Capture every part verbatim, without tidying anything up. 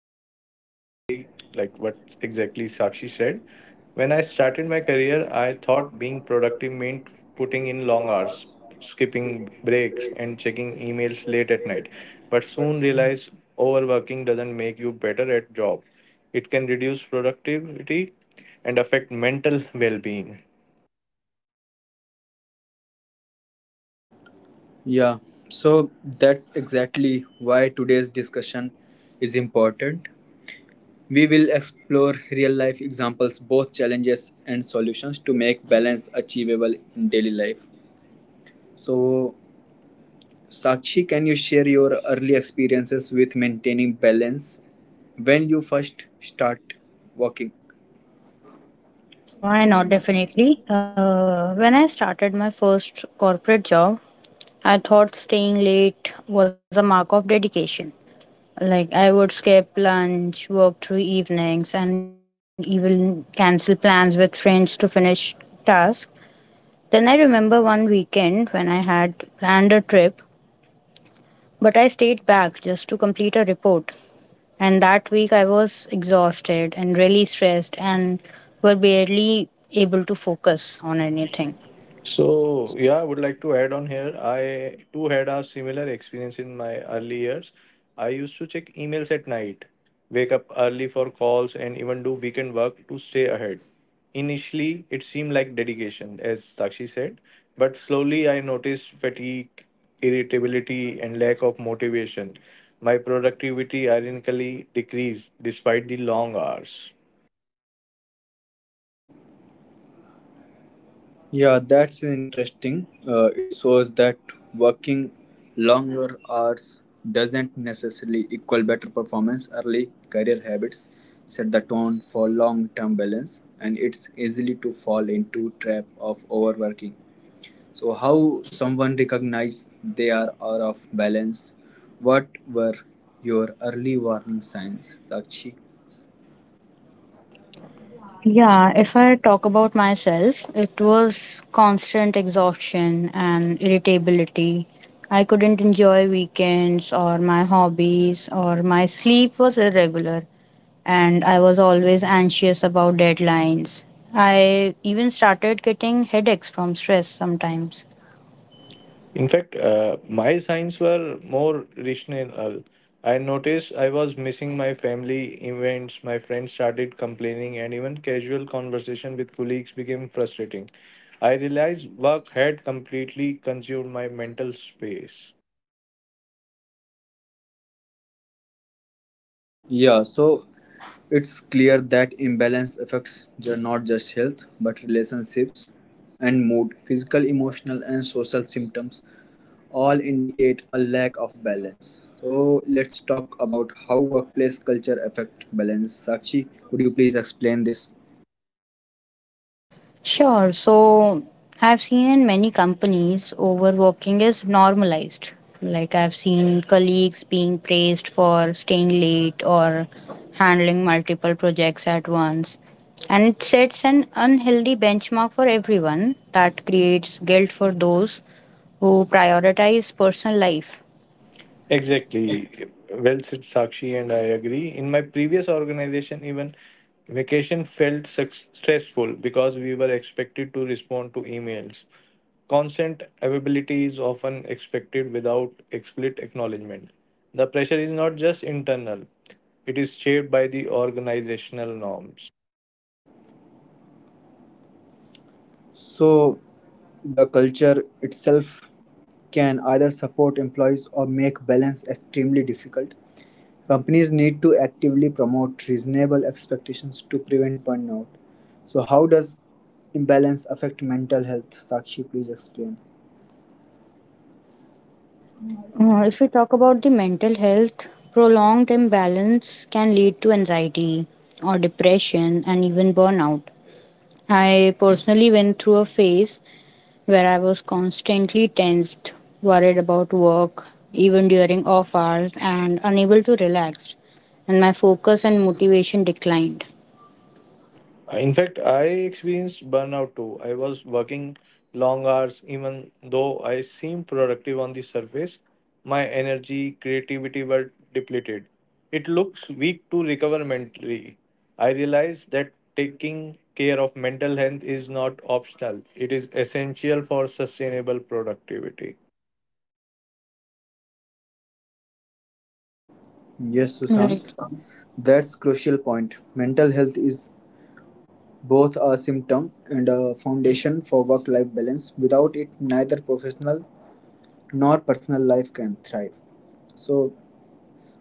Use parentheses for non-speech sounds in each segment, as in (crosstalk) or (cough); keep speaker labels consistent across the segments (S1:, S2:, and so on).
S1: I completely agree like what exactly Sakshi said. When I started my career, I thought being productive meant putting in long hours, skipping breaks and checking emails late at night. But soon realized overworking doesn't make you better at job. It can reduce productivity and affect mental well-being.
S2: Yeah, so that's exactly why today's discussion is important. We will explore real life examples, both challenges and solutions to make balance achievable in daily life. So, Sakshi, can you share your early experiences with maintaining balance when you first start working?
S3: Yeah, why not? Definitely. Uh, when I started my first corporate job, I thought staying late was a mark of dedication. Like I would skip lunch, work through evenings, and even cancel plans with friends to finish tasks. Then I remember one weekend when I had planned a trip, but I stayed back just to complete a report. And that week I was exhausted and really stressed and were barely able to focus on anything.
S1: So, yeah, I would like to add on here. I too had a similar experience in my early years. I used to check emails at night, wake up early for calls, and even do weekend work to stay ahead. Initially, it seemed like dedication, as Sakshi said, but slowly I noticed fatigue, irritability, and lack of motivation. My productivity ironically decreased despite the long hours.
S2: Yeah, that's interesting. Uh, it shows that working longer hours doesn't necessarily equal better performance. Early career habits set the tone for long term balance, and it's easily to fall into trap of overworking. So, how someone recognize they are out of balance? What were your early warning signs, Sakshi?
S3: Yeah, if I talk about myself, it was constant exhaustion and irritability. I couldn't enjoy weekends or my hobbies, or my sleep was irregular, and I was always anxious about deadlines. I even started getting headaches from stress sometimes.
S1: In fact, uh, my signs were more rational. Uh, I noticed I was missing my family events, my friends started complaining, and even casual conversation with colleagues became frustrating. I realized work had completely consumed my mental space.
S2: Yeah, so it's clear that imbalance affects ju- not just health but relationships and mood. Physical, emotional, and social symptoms all indicate a lack of balance. So let's talk about how workplace culture affect balance. Sakshi, could you please explain this?
S3: Sure. So I've seen in many companies overworking is normalized. Like I've seen colleagues being praised for staying late or handling multiple projects at once. And it sets an unhealthy benchmark for everyone that creates guilt for those who prioritize personal life.
S1: Exactly. Well said, Sakshi, and I agree. In my previous organization, even vacation felt suc- stressful because we were expected to respond to emails. Constant availability is often expected without explicit acknowledgement. The pressure is not just internal, it is shaped by the organizational norms.
S2: So the culture itself can either support employees or make balance extremely difficult. Companies need to actively promote reasonable expectations to prevent burnout. So how does imbalance affect mental health? Sakshi, please explain.
S3: Uh, if we talk about the mental health, prolonged imbalance can lead to anxiety or depression and even burnout. I personally went through a phase where I was constantly tensed, worried about work, even during off hours, and unable to relax. And my focus and motivation declined.
S1: Uh, In fact, I experienced burnout too. I was working long hours, even though I seemed productive on the surface. My energy, creativity were depleted. It looks weak to recover mentally. I realized that taking care of mental health is not optional, it is essential for sustainable productivity.
S2: Yes, Sushant,
S3: Right.
S2: that's crucial point. Mental health is both a symptom and a foundation for work-life balance. Without it, neither professional nor personal life can thrive. So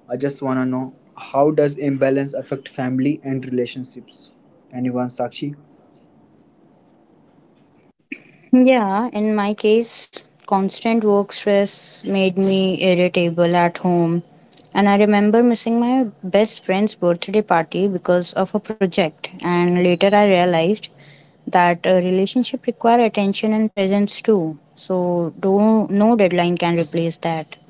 S2: I just want to know, how does imbalance affect family and relationships? Anyone, Sakshi?
S3: Yeah, in my case, constant work stress made me irritable at home. And I remember missing my best friend's birthday party because of a project. And later I realized that a relationship require attention and presence too. So do, no deadline can replace that.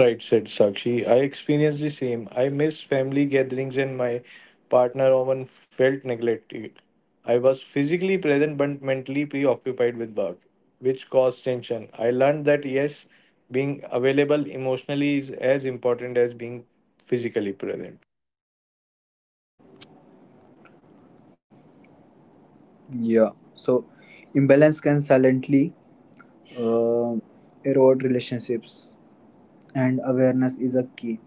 S1: Right, said Sakshi. I experienced the same. I missed family gatherings and my partner often felt neglected. I was physically present but mentally preoccupied with work, which caused tension. I learned that yes, being available emotionally is as important as being physically present.
S2: Yeah. So, imbalance can silently uh, erode relationships, and awareness is a key.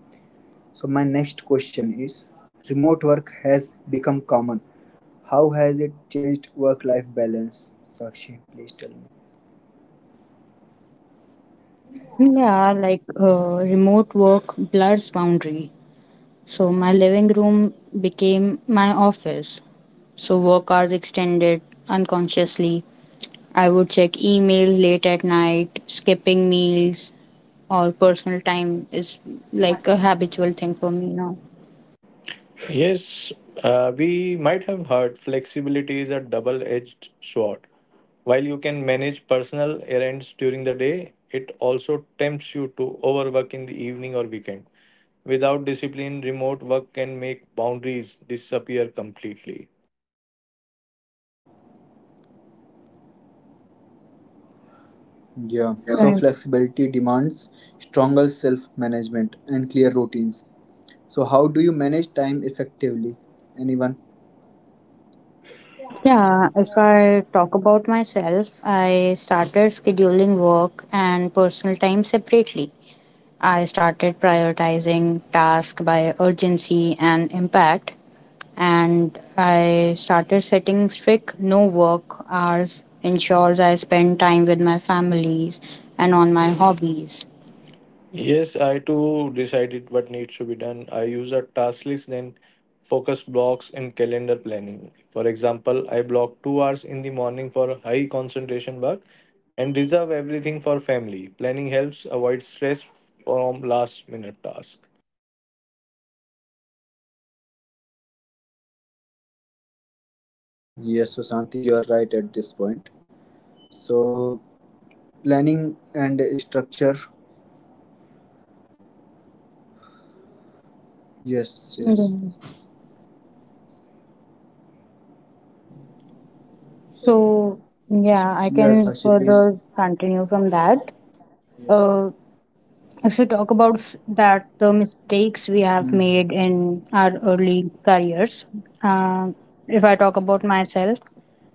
S2: So, my next question is: remote work has become common. How has it changed work-life balance? Sakshi, please tell me.
S3: Yeah, like uh, remote work blurs boundary. So my living room became my office. So work hours extended unconsciously. I would check emails late at night, skipping meals or personal time is like a habitual thing for me now.
S1: Yes, uh, we might have heard flexibility is a double edged sword. While you can manage personal errands during the day, it also tempts you to overwork in the evening or weekend. Without discipline, remote work can make boundaries disappear completely.
S2: Yeah, so
S3: Right.
S2: flexibility demands stronger self management and clear routines. So, how do you manage time effectively? Anyone?
S3: Yeah, if I talk about myself, I started scheduling work and personal time separately. I started prioritizing tasks by urgency and impact, and I started setting strict no work hours, ensures I spend time with my families and on my hobbies.
S1: Yes, I too decided what needs to be done. I use a task list, then focus blocks in calendar planning. For example, I block two hours in the morning for high concentration work and reserve everything for family. Planning helps avoid stress from last minute tasks.
S2: Yes, Susanti, you are right at this point. So, planning and structure. Yes, yes.
S3: Mhm. So, yeah, I
S2: Yes,
S3: can
S2: Sakshi, please.
S3: further continue from that.
S2: Yes.
S3: Uh. If we talk about s- that, the mistakes we have
S2: Mhm.
S3: made in our early careers, uh, if I talk about myself,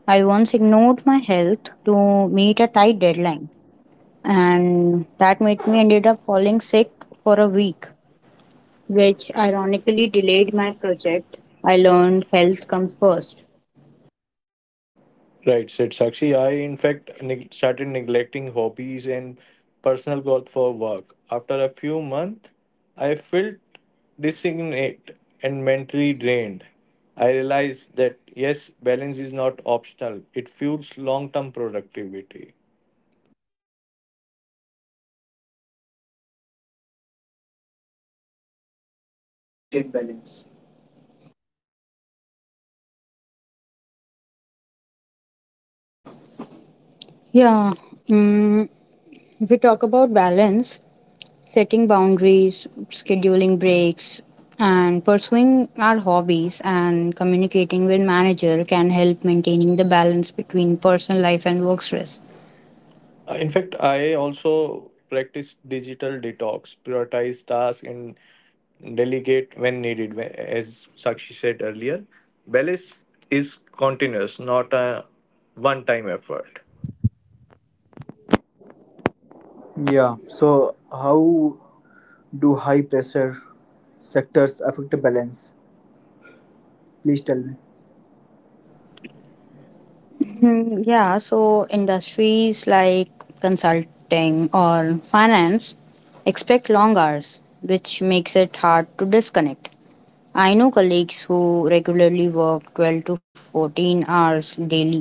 S3: I once ignored my health to meet a tight deadline, and that made me ended up falling sick for a week, which ironically delayed my project. I learned health comes first.
S1: Right, said Sakshi. I, in fact, neg- started neglecting hobbies and personal growth for work. After a few months, I felt disignate and mentally drained. I realized that yes, balance is not optional, it fuels long term productivity.
S2: Yeah, Susanti, you are right at this time. But uh, what steps helped you maintain balance? Sakshi, please tell me.
S3: Yeah. Mm, if we talk about balance, setting boundaries, scheduling breaks, and pursuing our hobbies and communicating with manager can help maintaining the balance between personal life and work stress.
S1: Uh, In fact, I also practice digital detox, prioritize tasks, and delegate when needed. Wh- As Sakshi said earlier, balance is continuous, not a one time effort.
S2: Yeah, so how do high pressure sectors affect balance? Please tell me.
S3: Hmm, yeah, so industries like consulting or finance expect long hours, which makes it hard to disconnect. I know colleagues who regularly work twelve to fourteen hours daily.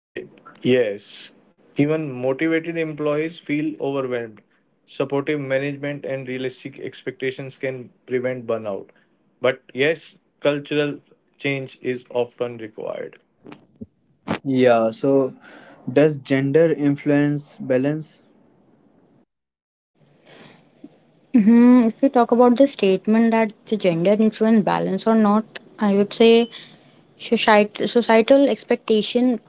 S1: Ye- yes. Even motivated employees feel overwhelmed. Supportive management and realistic expectations can prevent burnout. But yes, cultural change is often required.
S2: Yeah, so does gender influence balance?
S3: Hmm, if we talk about the statement that the gender influence balance or not, I would say societ- societal expectation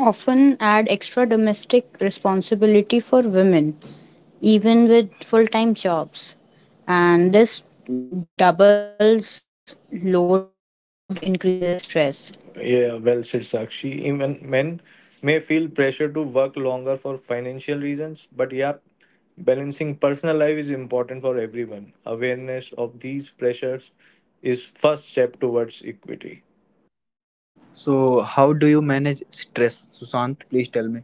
S3: often add extra domestic responsibility for women, even with full-time jobs, and this doubles load increases stress.
S1: Yeah, well said, Sakshi. Even men may feel pressure to work longer for financial reasons, but yeah, balancing personal life is important for everyone. Awareness of these pressures is first step towards equity.
S2: So, how do you manage stress, Sushant? Please tell me.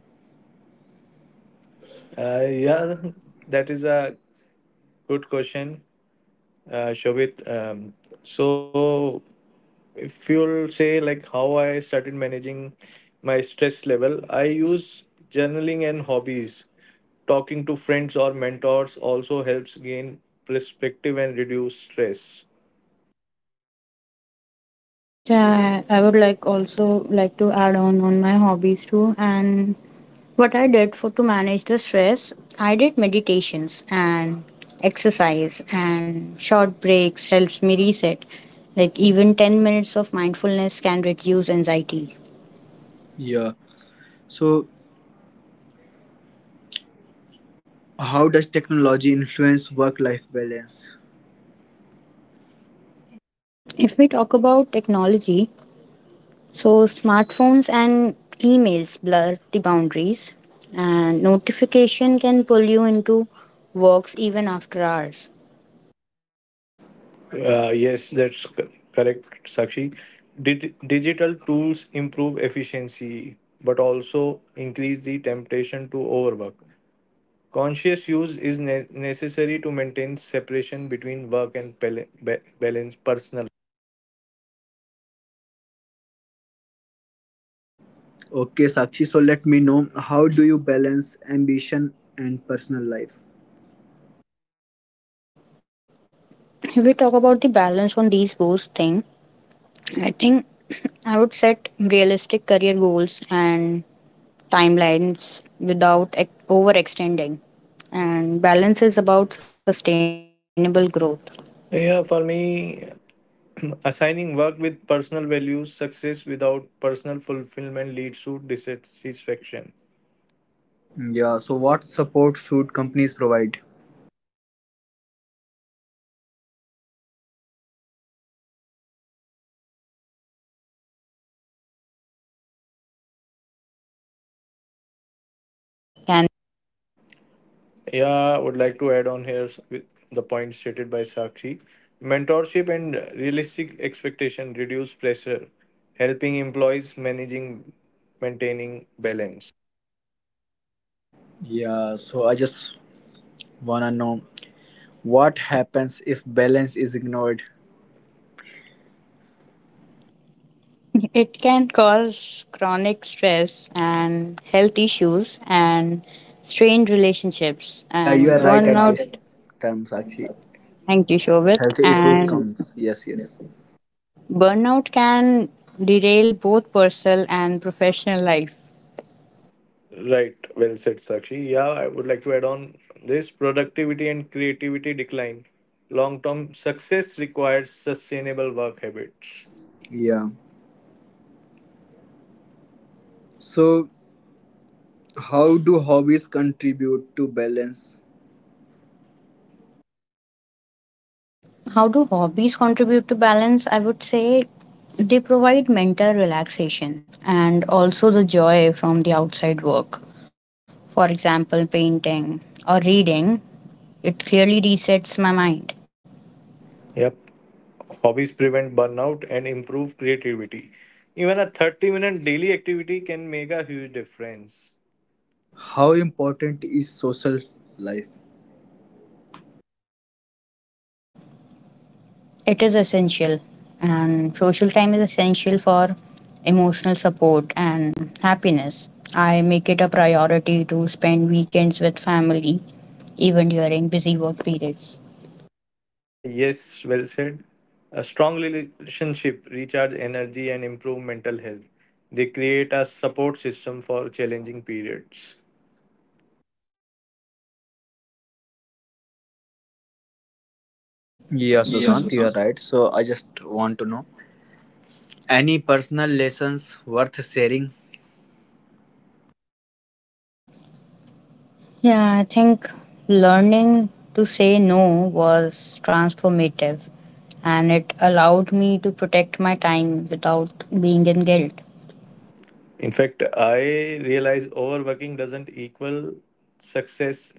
S1: Uh, yeah, that is a good question, uh, Shobit. Um, so if you'll say like how I started managing my stress level, I use journaling and hobbies. Talking to friends or mentors also helps gain perspective and reduce stress.
S3: Yeah, I I would like also like to add on on my hobbies too, and what I did for to manage the stress, I did meditations and exercise and short breaks helps me reset. Like even ten minutes of mindfulness can reduce anxiety.
S2: Yeah. So, how does technology influence work life balance?
S3: If we talk about technology, so smartphones and emails blur the boundaries and notification can pull you into works even after hours.
S1: Uh, yes, that's c- correct, Sakshi. Did digital tools improve efficiency but also increase the temptation to overwork? Conscious use is ne- necessary to maintain separation between work and bal- ba- balance personal.
S2: Okay, Sakshi, so let me know, how do you balance ambition and personal life?
S3: If we talk about the balance on these both thing, I think (clears throat) I would set realistic career goals and timelines without ex- overextending. And balance is about sustainable growth,
S1: Yeah, for me, (clears throat) assigning work with personal values, success without personal fulfillment leads to dissatisfaction.
S2: Yeah, so what support should companies provide?
S3: flexible hours, and remote options, and wellness program, and clear policy can be a big support.
S1: Yeah, I would like to add on here s- with the point stated by Sakshi. Mentorship and realistic expectation reduce pressure, helping employees managing maintaining balance.
S2: Yeah, so I just wanna know, what happens if balance is ignored?
S3: It can cause chronic stress and health issues and strained relationships
S2: Yeah, you
S3: and
S2: are right at this
S3: burnout.
S2: term, Sakshi.
S3: Thank you, Shobit.
S2: Health issues
S3: And
S2: comes. Yes, yes.
S3: burnout can derail both personal and professional life.
S1: Right, well said, Sakshi. Yeah, I would like to add on this productivity and creativity decline. Long term success requires sustainable work habits.
S2: Yeah. So, how do hobbies contribute to balance?
S3: How do hobbies contribute to balance? I would say they provide mental relaxation and also the joy from the outside work. For example, painting or reading, it clearly resets my mind.
S1: Yep. Hobbies prevent burnout and improve creativity. Even a thirty minute daily activity can make a huge difference.
S2: How important is social life.
S3: It is essential, and social time is essential for emotional support and happiness. I make it a priority to spend weekends with family, even during busy work periods.
S1: Uh, yes, well said. A strong relationship recharge energy and improve mental health. They create a support system for challenging periods.
S2: Yeah, Sushant, you are right. So I just want to know, any personal lessons worth sharing?
S3: Yeah, I think learning to say no was transformative, and it allowed me to protect my time without being in guilt.
S1: In fact, I realize overworking doesn't equal success.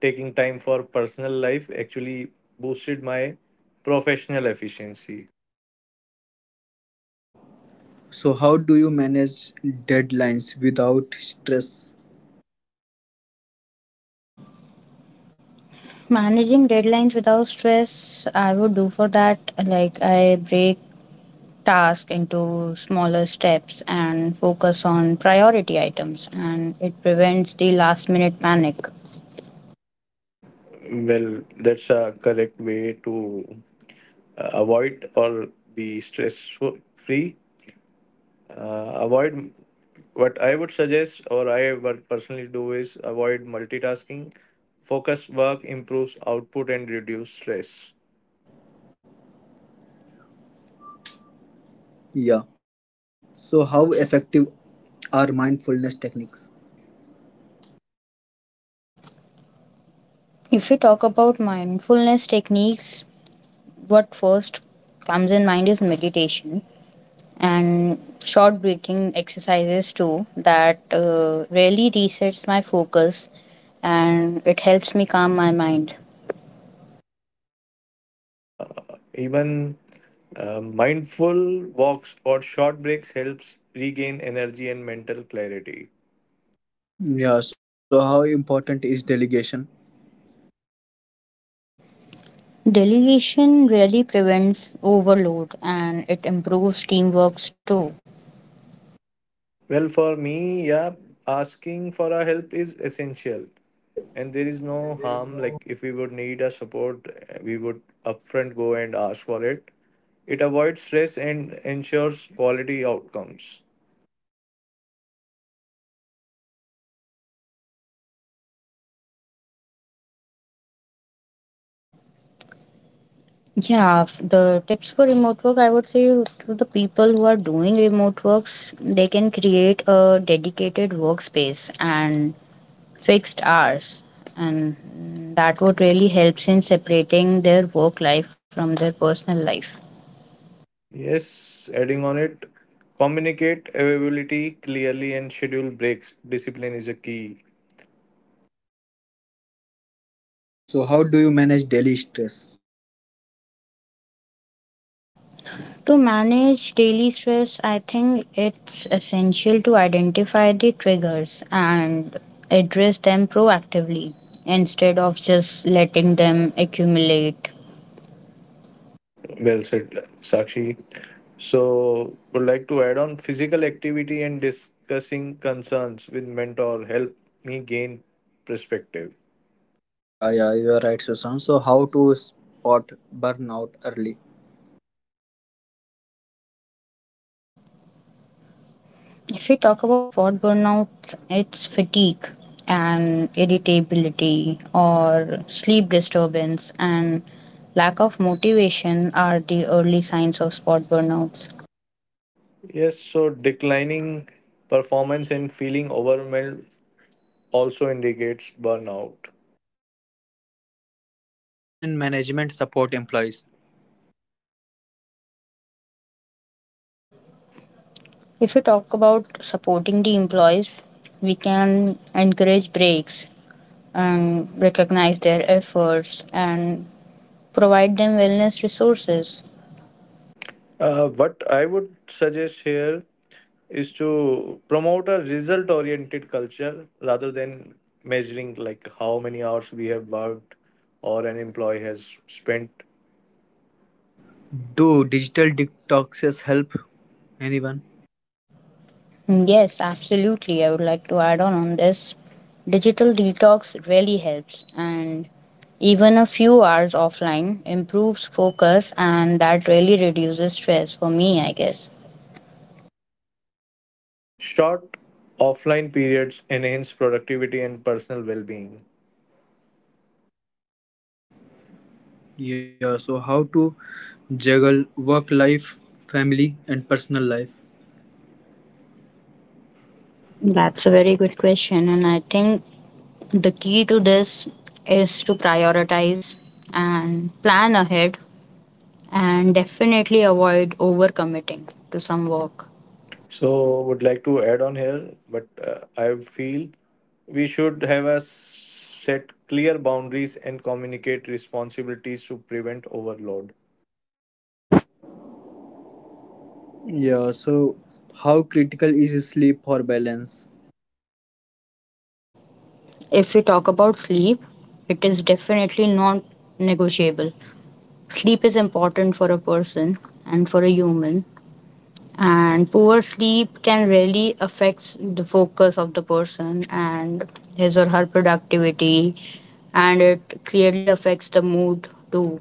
S1: Taking time for personal life actually boosted my professional efficiency.
S2: So, how do you manage deadlines without stress?
S3: Managing deadlines without stress, I would do for that. Like, I break task into smaller steps and focus on priority items and it prevents the last minute panic.
S1: Well, that's a correct way to uh, avoid or be stress free. Uh, avoid what I would suggest, or I would personally do, is avoid multitasking. Focus work improves output and reduce stress.
S2: Yeah. So, how effective are mindfulness techniques?
S3: If you talk about mindfulness techniques, what first comes in mind is meditation and short breathing exercises too that uh, really resets my focus and it helps me calm my mind.
S1: Uh, even uh, mindful walks or short breaks helps regain energy and mental clarity.
S2: Yeah, so how important is delegation?
S3: Delegation really prevents overload and it improves teamwork too.
S1: Well, for me, yeah, asking for a help is essential. And there is no harm, like if we would need a support, uh, we would upfront go and ask for it. It avoids stress and ensures quality outcomes.
S3: Yeah, f- the tips for remote work, I would say to the people who are doing remote works, they can create a dedicated workspace and fixed hours. And that would really helps in separating their work life from their personal life.
S1: Yes, adding on it, communicate availability clearly and schedule breaks. Discipline is a key.
S2: So how do you manage daily stress?
S3: To manage daily stress, I think it's essential to identify the triggers and address them proactively instead of just letting them accumulate.
S1: Well said, Sakshi. So, would like to add on physical activity and discussing concerns with mentor help me gain perspective.
S2: Yeah, yeah, you are right, Susan. So how to spot burnout early?
S3: If we talk about spot burnout, it's fatigue and irritability or sleep disturbance and lack of motivation are the early signs of spot burnouts.
S1: Yes, so declining performance and feeling overwhelmed also indicates burnout.
S2: Yeah, so how can management support employees?
S3: If we talk about supporting the employees, we can encourage breaks and recognize their efforts and provide them wellness resources.
S1: Uh, what I would suggest here is to promote a result oriented culture rather than measuring like how many hours we have worked or an employee has spent.
S2: Do digital detoxes help anyone?
S3: Mm, yes, absolutely. I would like to add on on this. Digital detox really helps, and even a few hours offline improves focus, and that really reduces stress for me, I guess.
S1: Short offline periods enhance productivity and personal well being.
S2: Yeah, so how to juggle work life, family and personal life?
S3: That's a very good question, and I think the key to this is to prioritize and plan ahead and definitely avoid overcommitting to some work.
S1: So, would like to add on here, but uh, I feel we should have a set clear boundaries and communicate responsibilities to prevent overload.
S2: Yeah, so how critical is sleep for balance?
S3: If we talk about sleep, it is definitely not negotiable. Sleep is important for a person and for a human, and poor sleep can really affect the focus of the person and his or her productivity, and it clearly affects the mood too.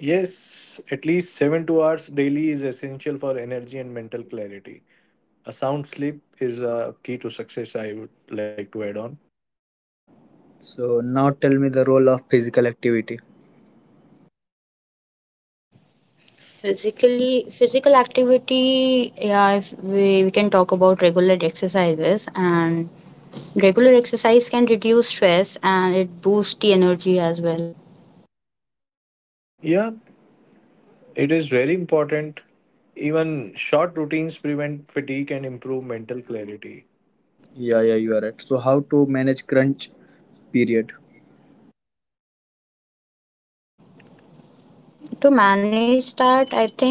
S1: Yes, at least seven to hours daily is essential for energy and mental clarity. A sound sleep is a key to success I would like to add on.
S2: So now tell me the role of physical activity.
S3: Physically, physical activity, yeah, if we, we can talk about regular exercises and regular exercise can reduce stress and it boosts the energy as well.
S1: Yeah, it is very important. Even short routines prevent fatigue and improve mental clarity.
S2: Yeah, yeah, you are right. So how to manage crunch period?
S3: To manage that, I think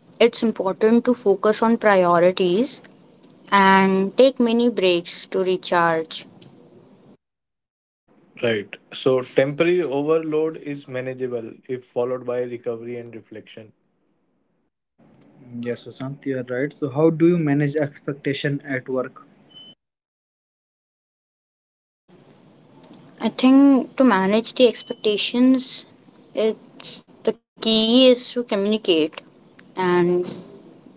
S3: it's important to focus on priorities and take many breaks to recharge.
S1: Right. So temporary overload is manageable if followed by recovery and reflection.
S2: Yes, Sushant, you are right. So how do you manage expectation at work?
S3: I think to manage the expectations, it's the key is to communicate. And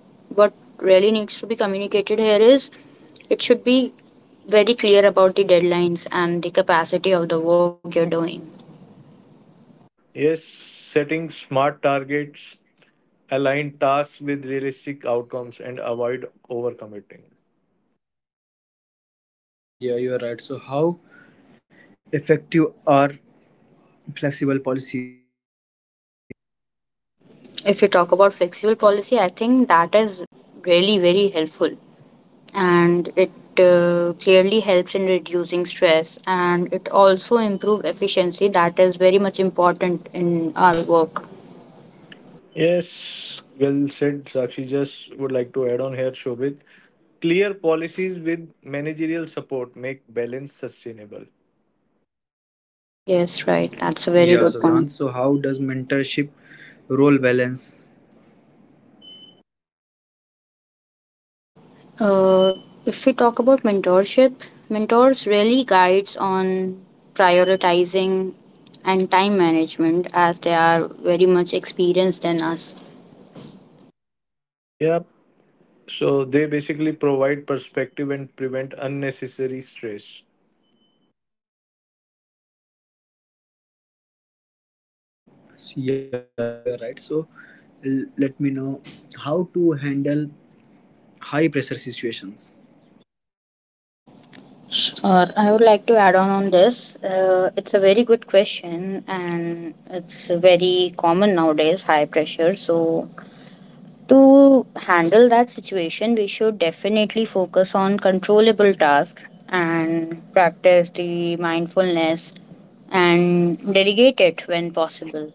S3: what really needs to be communicated here is it should be very clear about the deadlines and the capacity of the work you're doing.
S1: Yes, setting smart targets, align tasks with realistic outcomes, and avoid overcommitting.
S2: Yeah, you are right. So how effective are flexible policies?
S3: If you talk about flexible policy, I think that is really very helpful and it uh, clearly helps in reducing stress and it also improve efficiency that is very much important in our work.
S1: Yes, well said, Sakshi. Just would like to add on here, Shobit. Clear policies with managerial support make balance sustainable.
S3: Yes, right, that's a very
S2: Yeah,
S3: good point.
S2: Sushant. So how does mentorship role balance?
S3: uh, if we talk about mentorship, mentors really guides on prioritizing and time management as they are very much experienced than us.
S1: Yep. So they basically provide perspective and prevent unnecessary stress.
S2: Yeah, Sushant, you are right. So l- let me know how to handle high pressure situations.
S3: Uh, I would like to add on on this. Uh, it's a very good question, and it's very common nowadays. High pressure. So to handle that situation, we should definitely focus on controllable tasks and practice the mindfulness and delegate it when possible.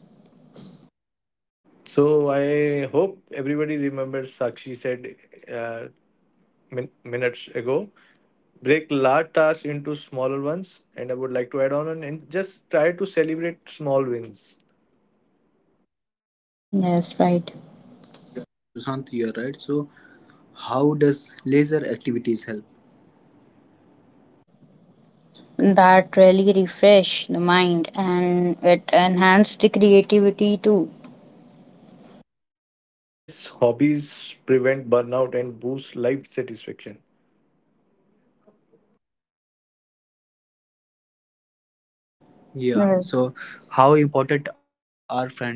S1: So I hope everybody remembers Sakshi said uh, min- minutes ago. Break large tasks into smaller ones, and I would like to add on and and just try to celebrate small wins.
S3: Yes, right.
S2: Yeah, Sushant, you are right. So how does leisure activities help?
S3: That really refresh the mind and it enhance the creativity too.
S1: Yes, hobbies prevent burnout and boost life satisfaction.
S2: Yeah.
S3: Right.
S2: So, how important are friendships?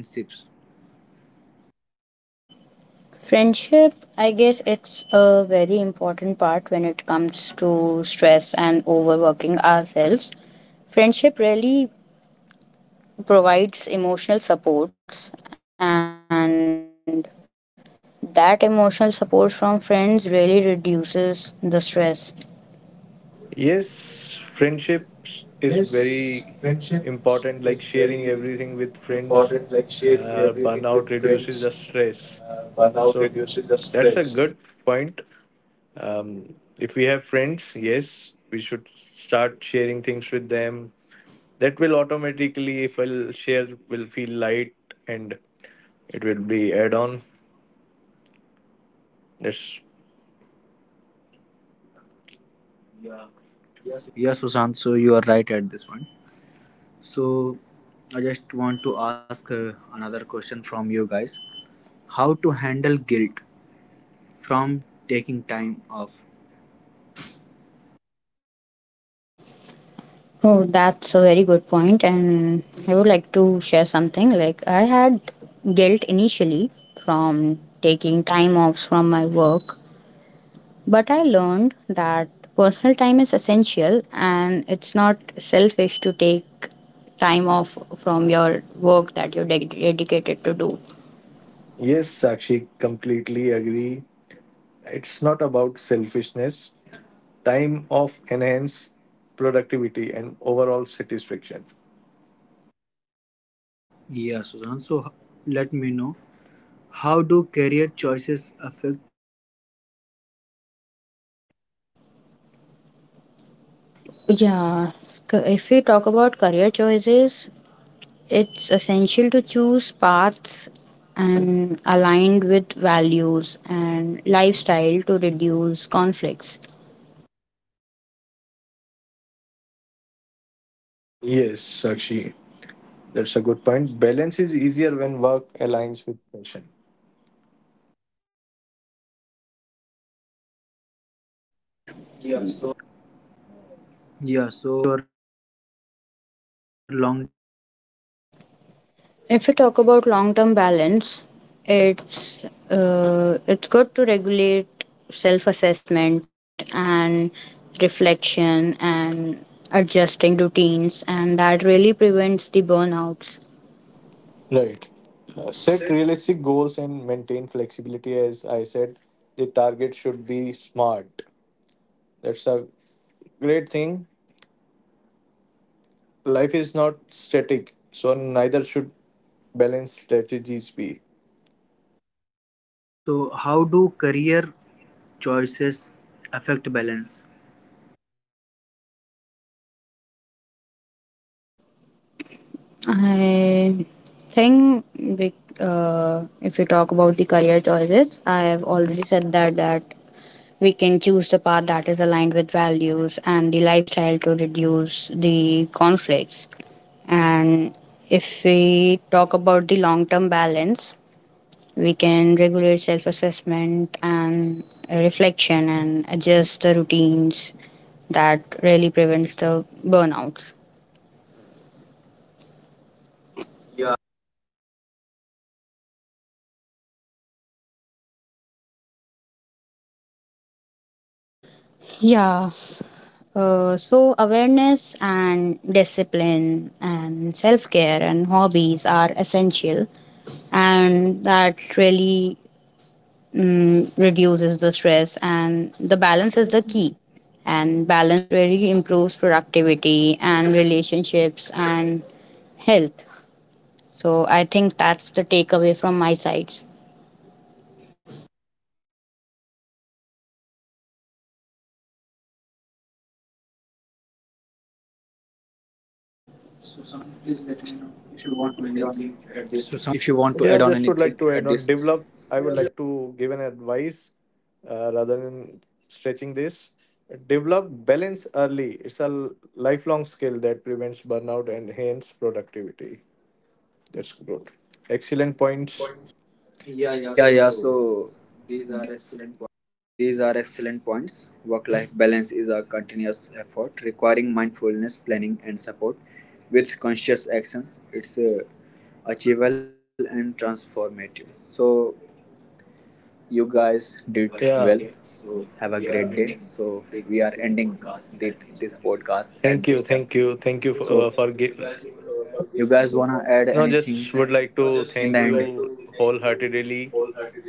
S3: Friendship, I guess it's a very important part when it comes to stress and overworking ourselves. Friendship really provides emotional supports, and that emotional support from friends really reduces the stress.
S1: Yes, friendships is very important, like sharing everything with friends. Uh, burnout reduces the stress. So that's a good point. um, if we have friends, yes, we should start sharing things with them. That will automatically, if I'll share, will feel light, and it will be add on that's
S2: Yeah, Sushant. So you are right at this point. So, I just want to ask uh, another question from you guys. How to handle guilt from taking time off?
S3: Oh, that's a very good point, and I would like to share something. Like, I had guilt initially from taking time off from my work. But I learned that personal time is essential and it's not selfish to take time off from your work that you're ded- dedicated to do.
S1: yes Sakshi completely agree. It's not about selfishness. Time of enhance productivity and overall satisfaction.
S2: Yeah, Sushant. So h- let me know. How do career choices affect balance?
S3: Yeah, c- if we talk about career choices, it's essential to choose paths and aligned with values and lifestyle to reduce conflicts.
S1: Yes, Sakshi, that's a good point. Balance is easier when work aligns with passion.
S3: Right. If we talk about long-term balance, it's uh, it's good to regulate self-assessment and reflection and adjusting routines, and that really prevents the burnouts.
S1: Right. Uh, set realistic goals and maintain flexibility. As I said, the target should be smart. That's a great thing. Life is not static, so neither should balance strategies be.
S2: So how do career choices affect balance?
S3: I think we, uh, if we talk about the career choices, I have already said that that we can choose the path that is aligned with values and the lifestyle to reduce the conflicts. And if we talk about the long term balance, we can regulate self assessment and uh, reflection and adjust the routines that really prevents the burnouts.
S2: Yeah. So let's wrap up key takeaways. Sakshi, please tell me.
S3: Yeah, Uh, so awareness and discipline and self-care and hobbies are essential and that really reduces the stress and the balance is the key and balance really improves productivity and relationships and health, so I think that's the takeaway from my side.
S2: Sushant, please let me know if you want to add on anything at this.
S1: Yeah, just would like to add on develop. I would like to give an advice uh, rather than stretching this. Develop balance early. It's a l- lifelong skill that prevents burnout and hence productivity. That's good. Excellent points.
S2: Yeah, yeah. So these are excellent points. Work life balance is a continuous effort requiring mindfulness, planning, and support. With conscious actions, it's uh, achievable and transformative. So, you guys did well. Have
S1: Yeah,
S2: a
S1: great.
S2: great day. So we are ending the, this podcast at this time.
S1: Thank you, thank
S2: So
S1: you, thank you for, uh, for you giving.
S2: you guys wanna add anything
S1: No, just would
S2: in the
S1: like to
S2: end?
S1: thank you wholeheartedly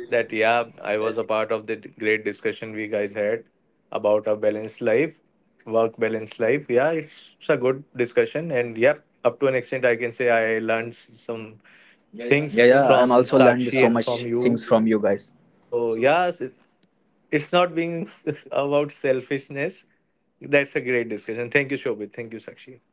S1: that yeah, I was a part of the d- great discussion we guys had about a balanced life, work balanced life. Yeah, it's, it's a good discussion, and yep, up to an extent, I can say I learned s- some. Yeah, things
S2: Yeah, yeah. I'm
S1: from
S2: also learned
S1: Sakshi
S2: so
S1: and from
S2: much
S1: you.
S2: things from you guys.
S1: So yeah, it's not being (laughs) about selfishness. That's a great discussion. Thank you, Shobit. Thank you, Sakshi.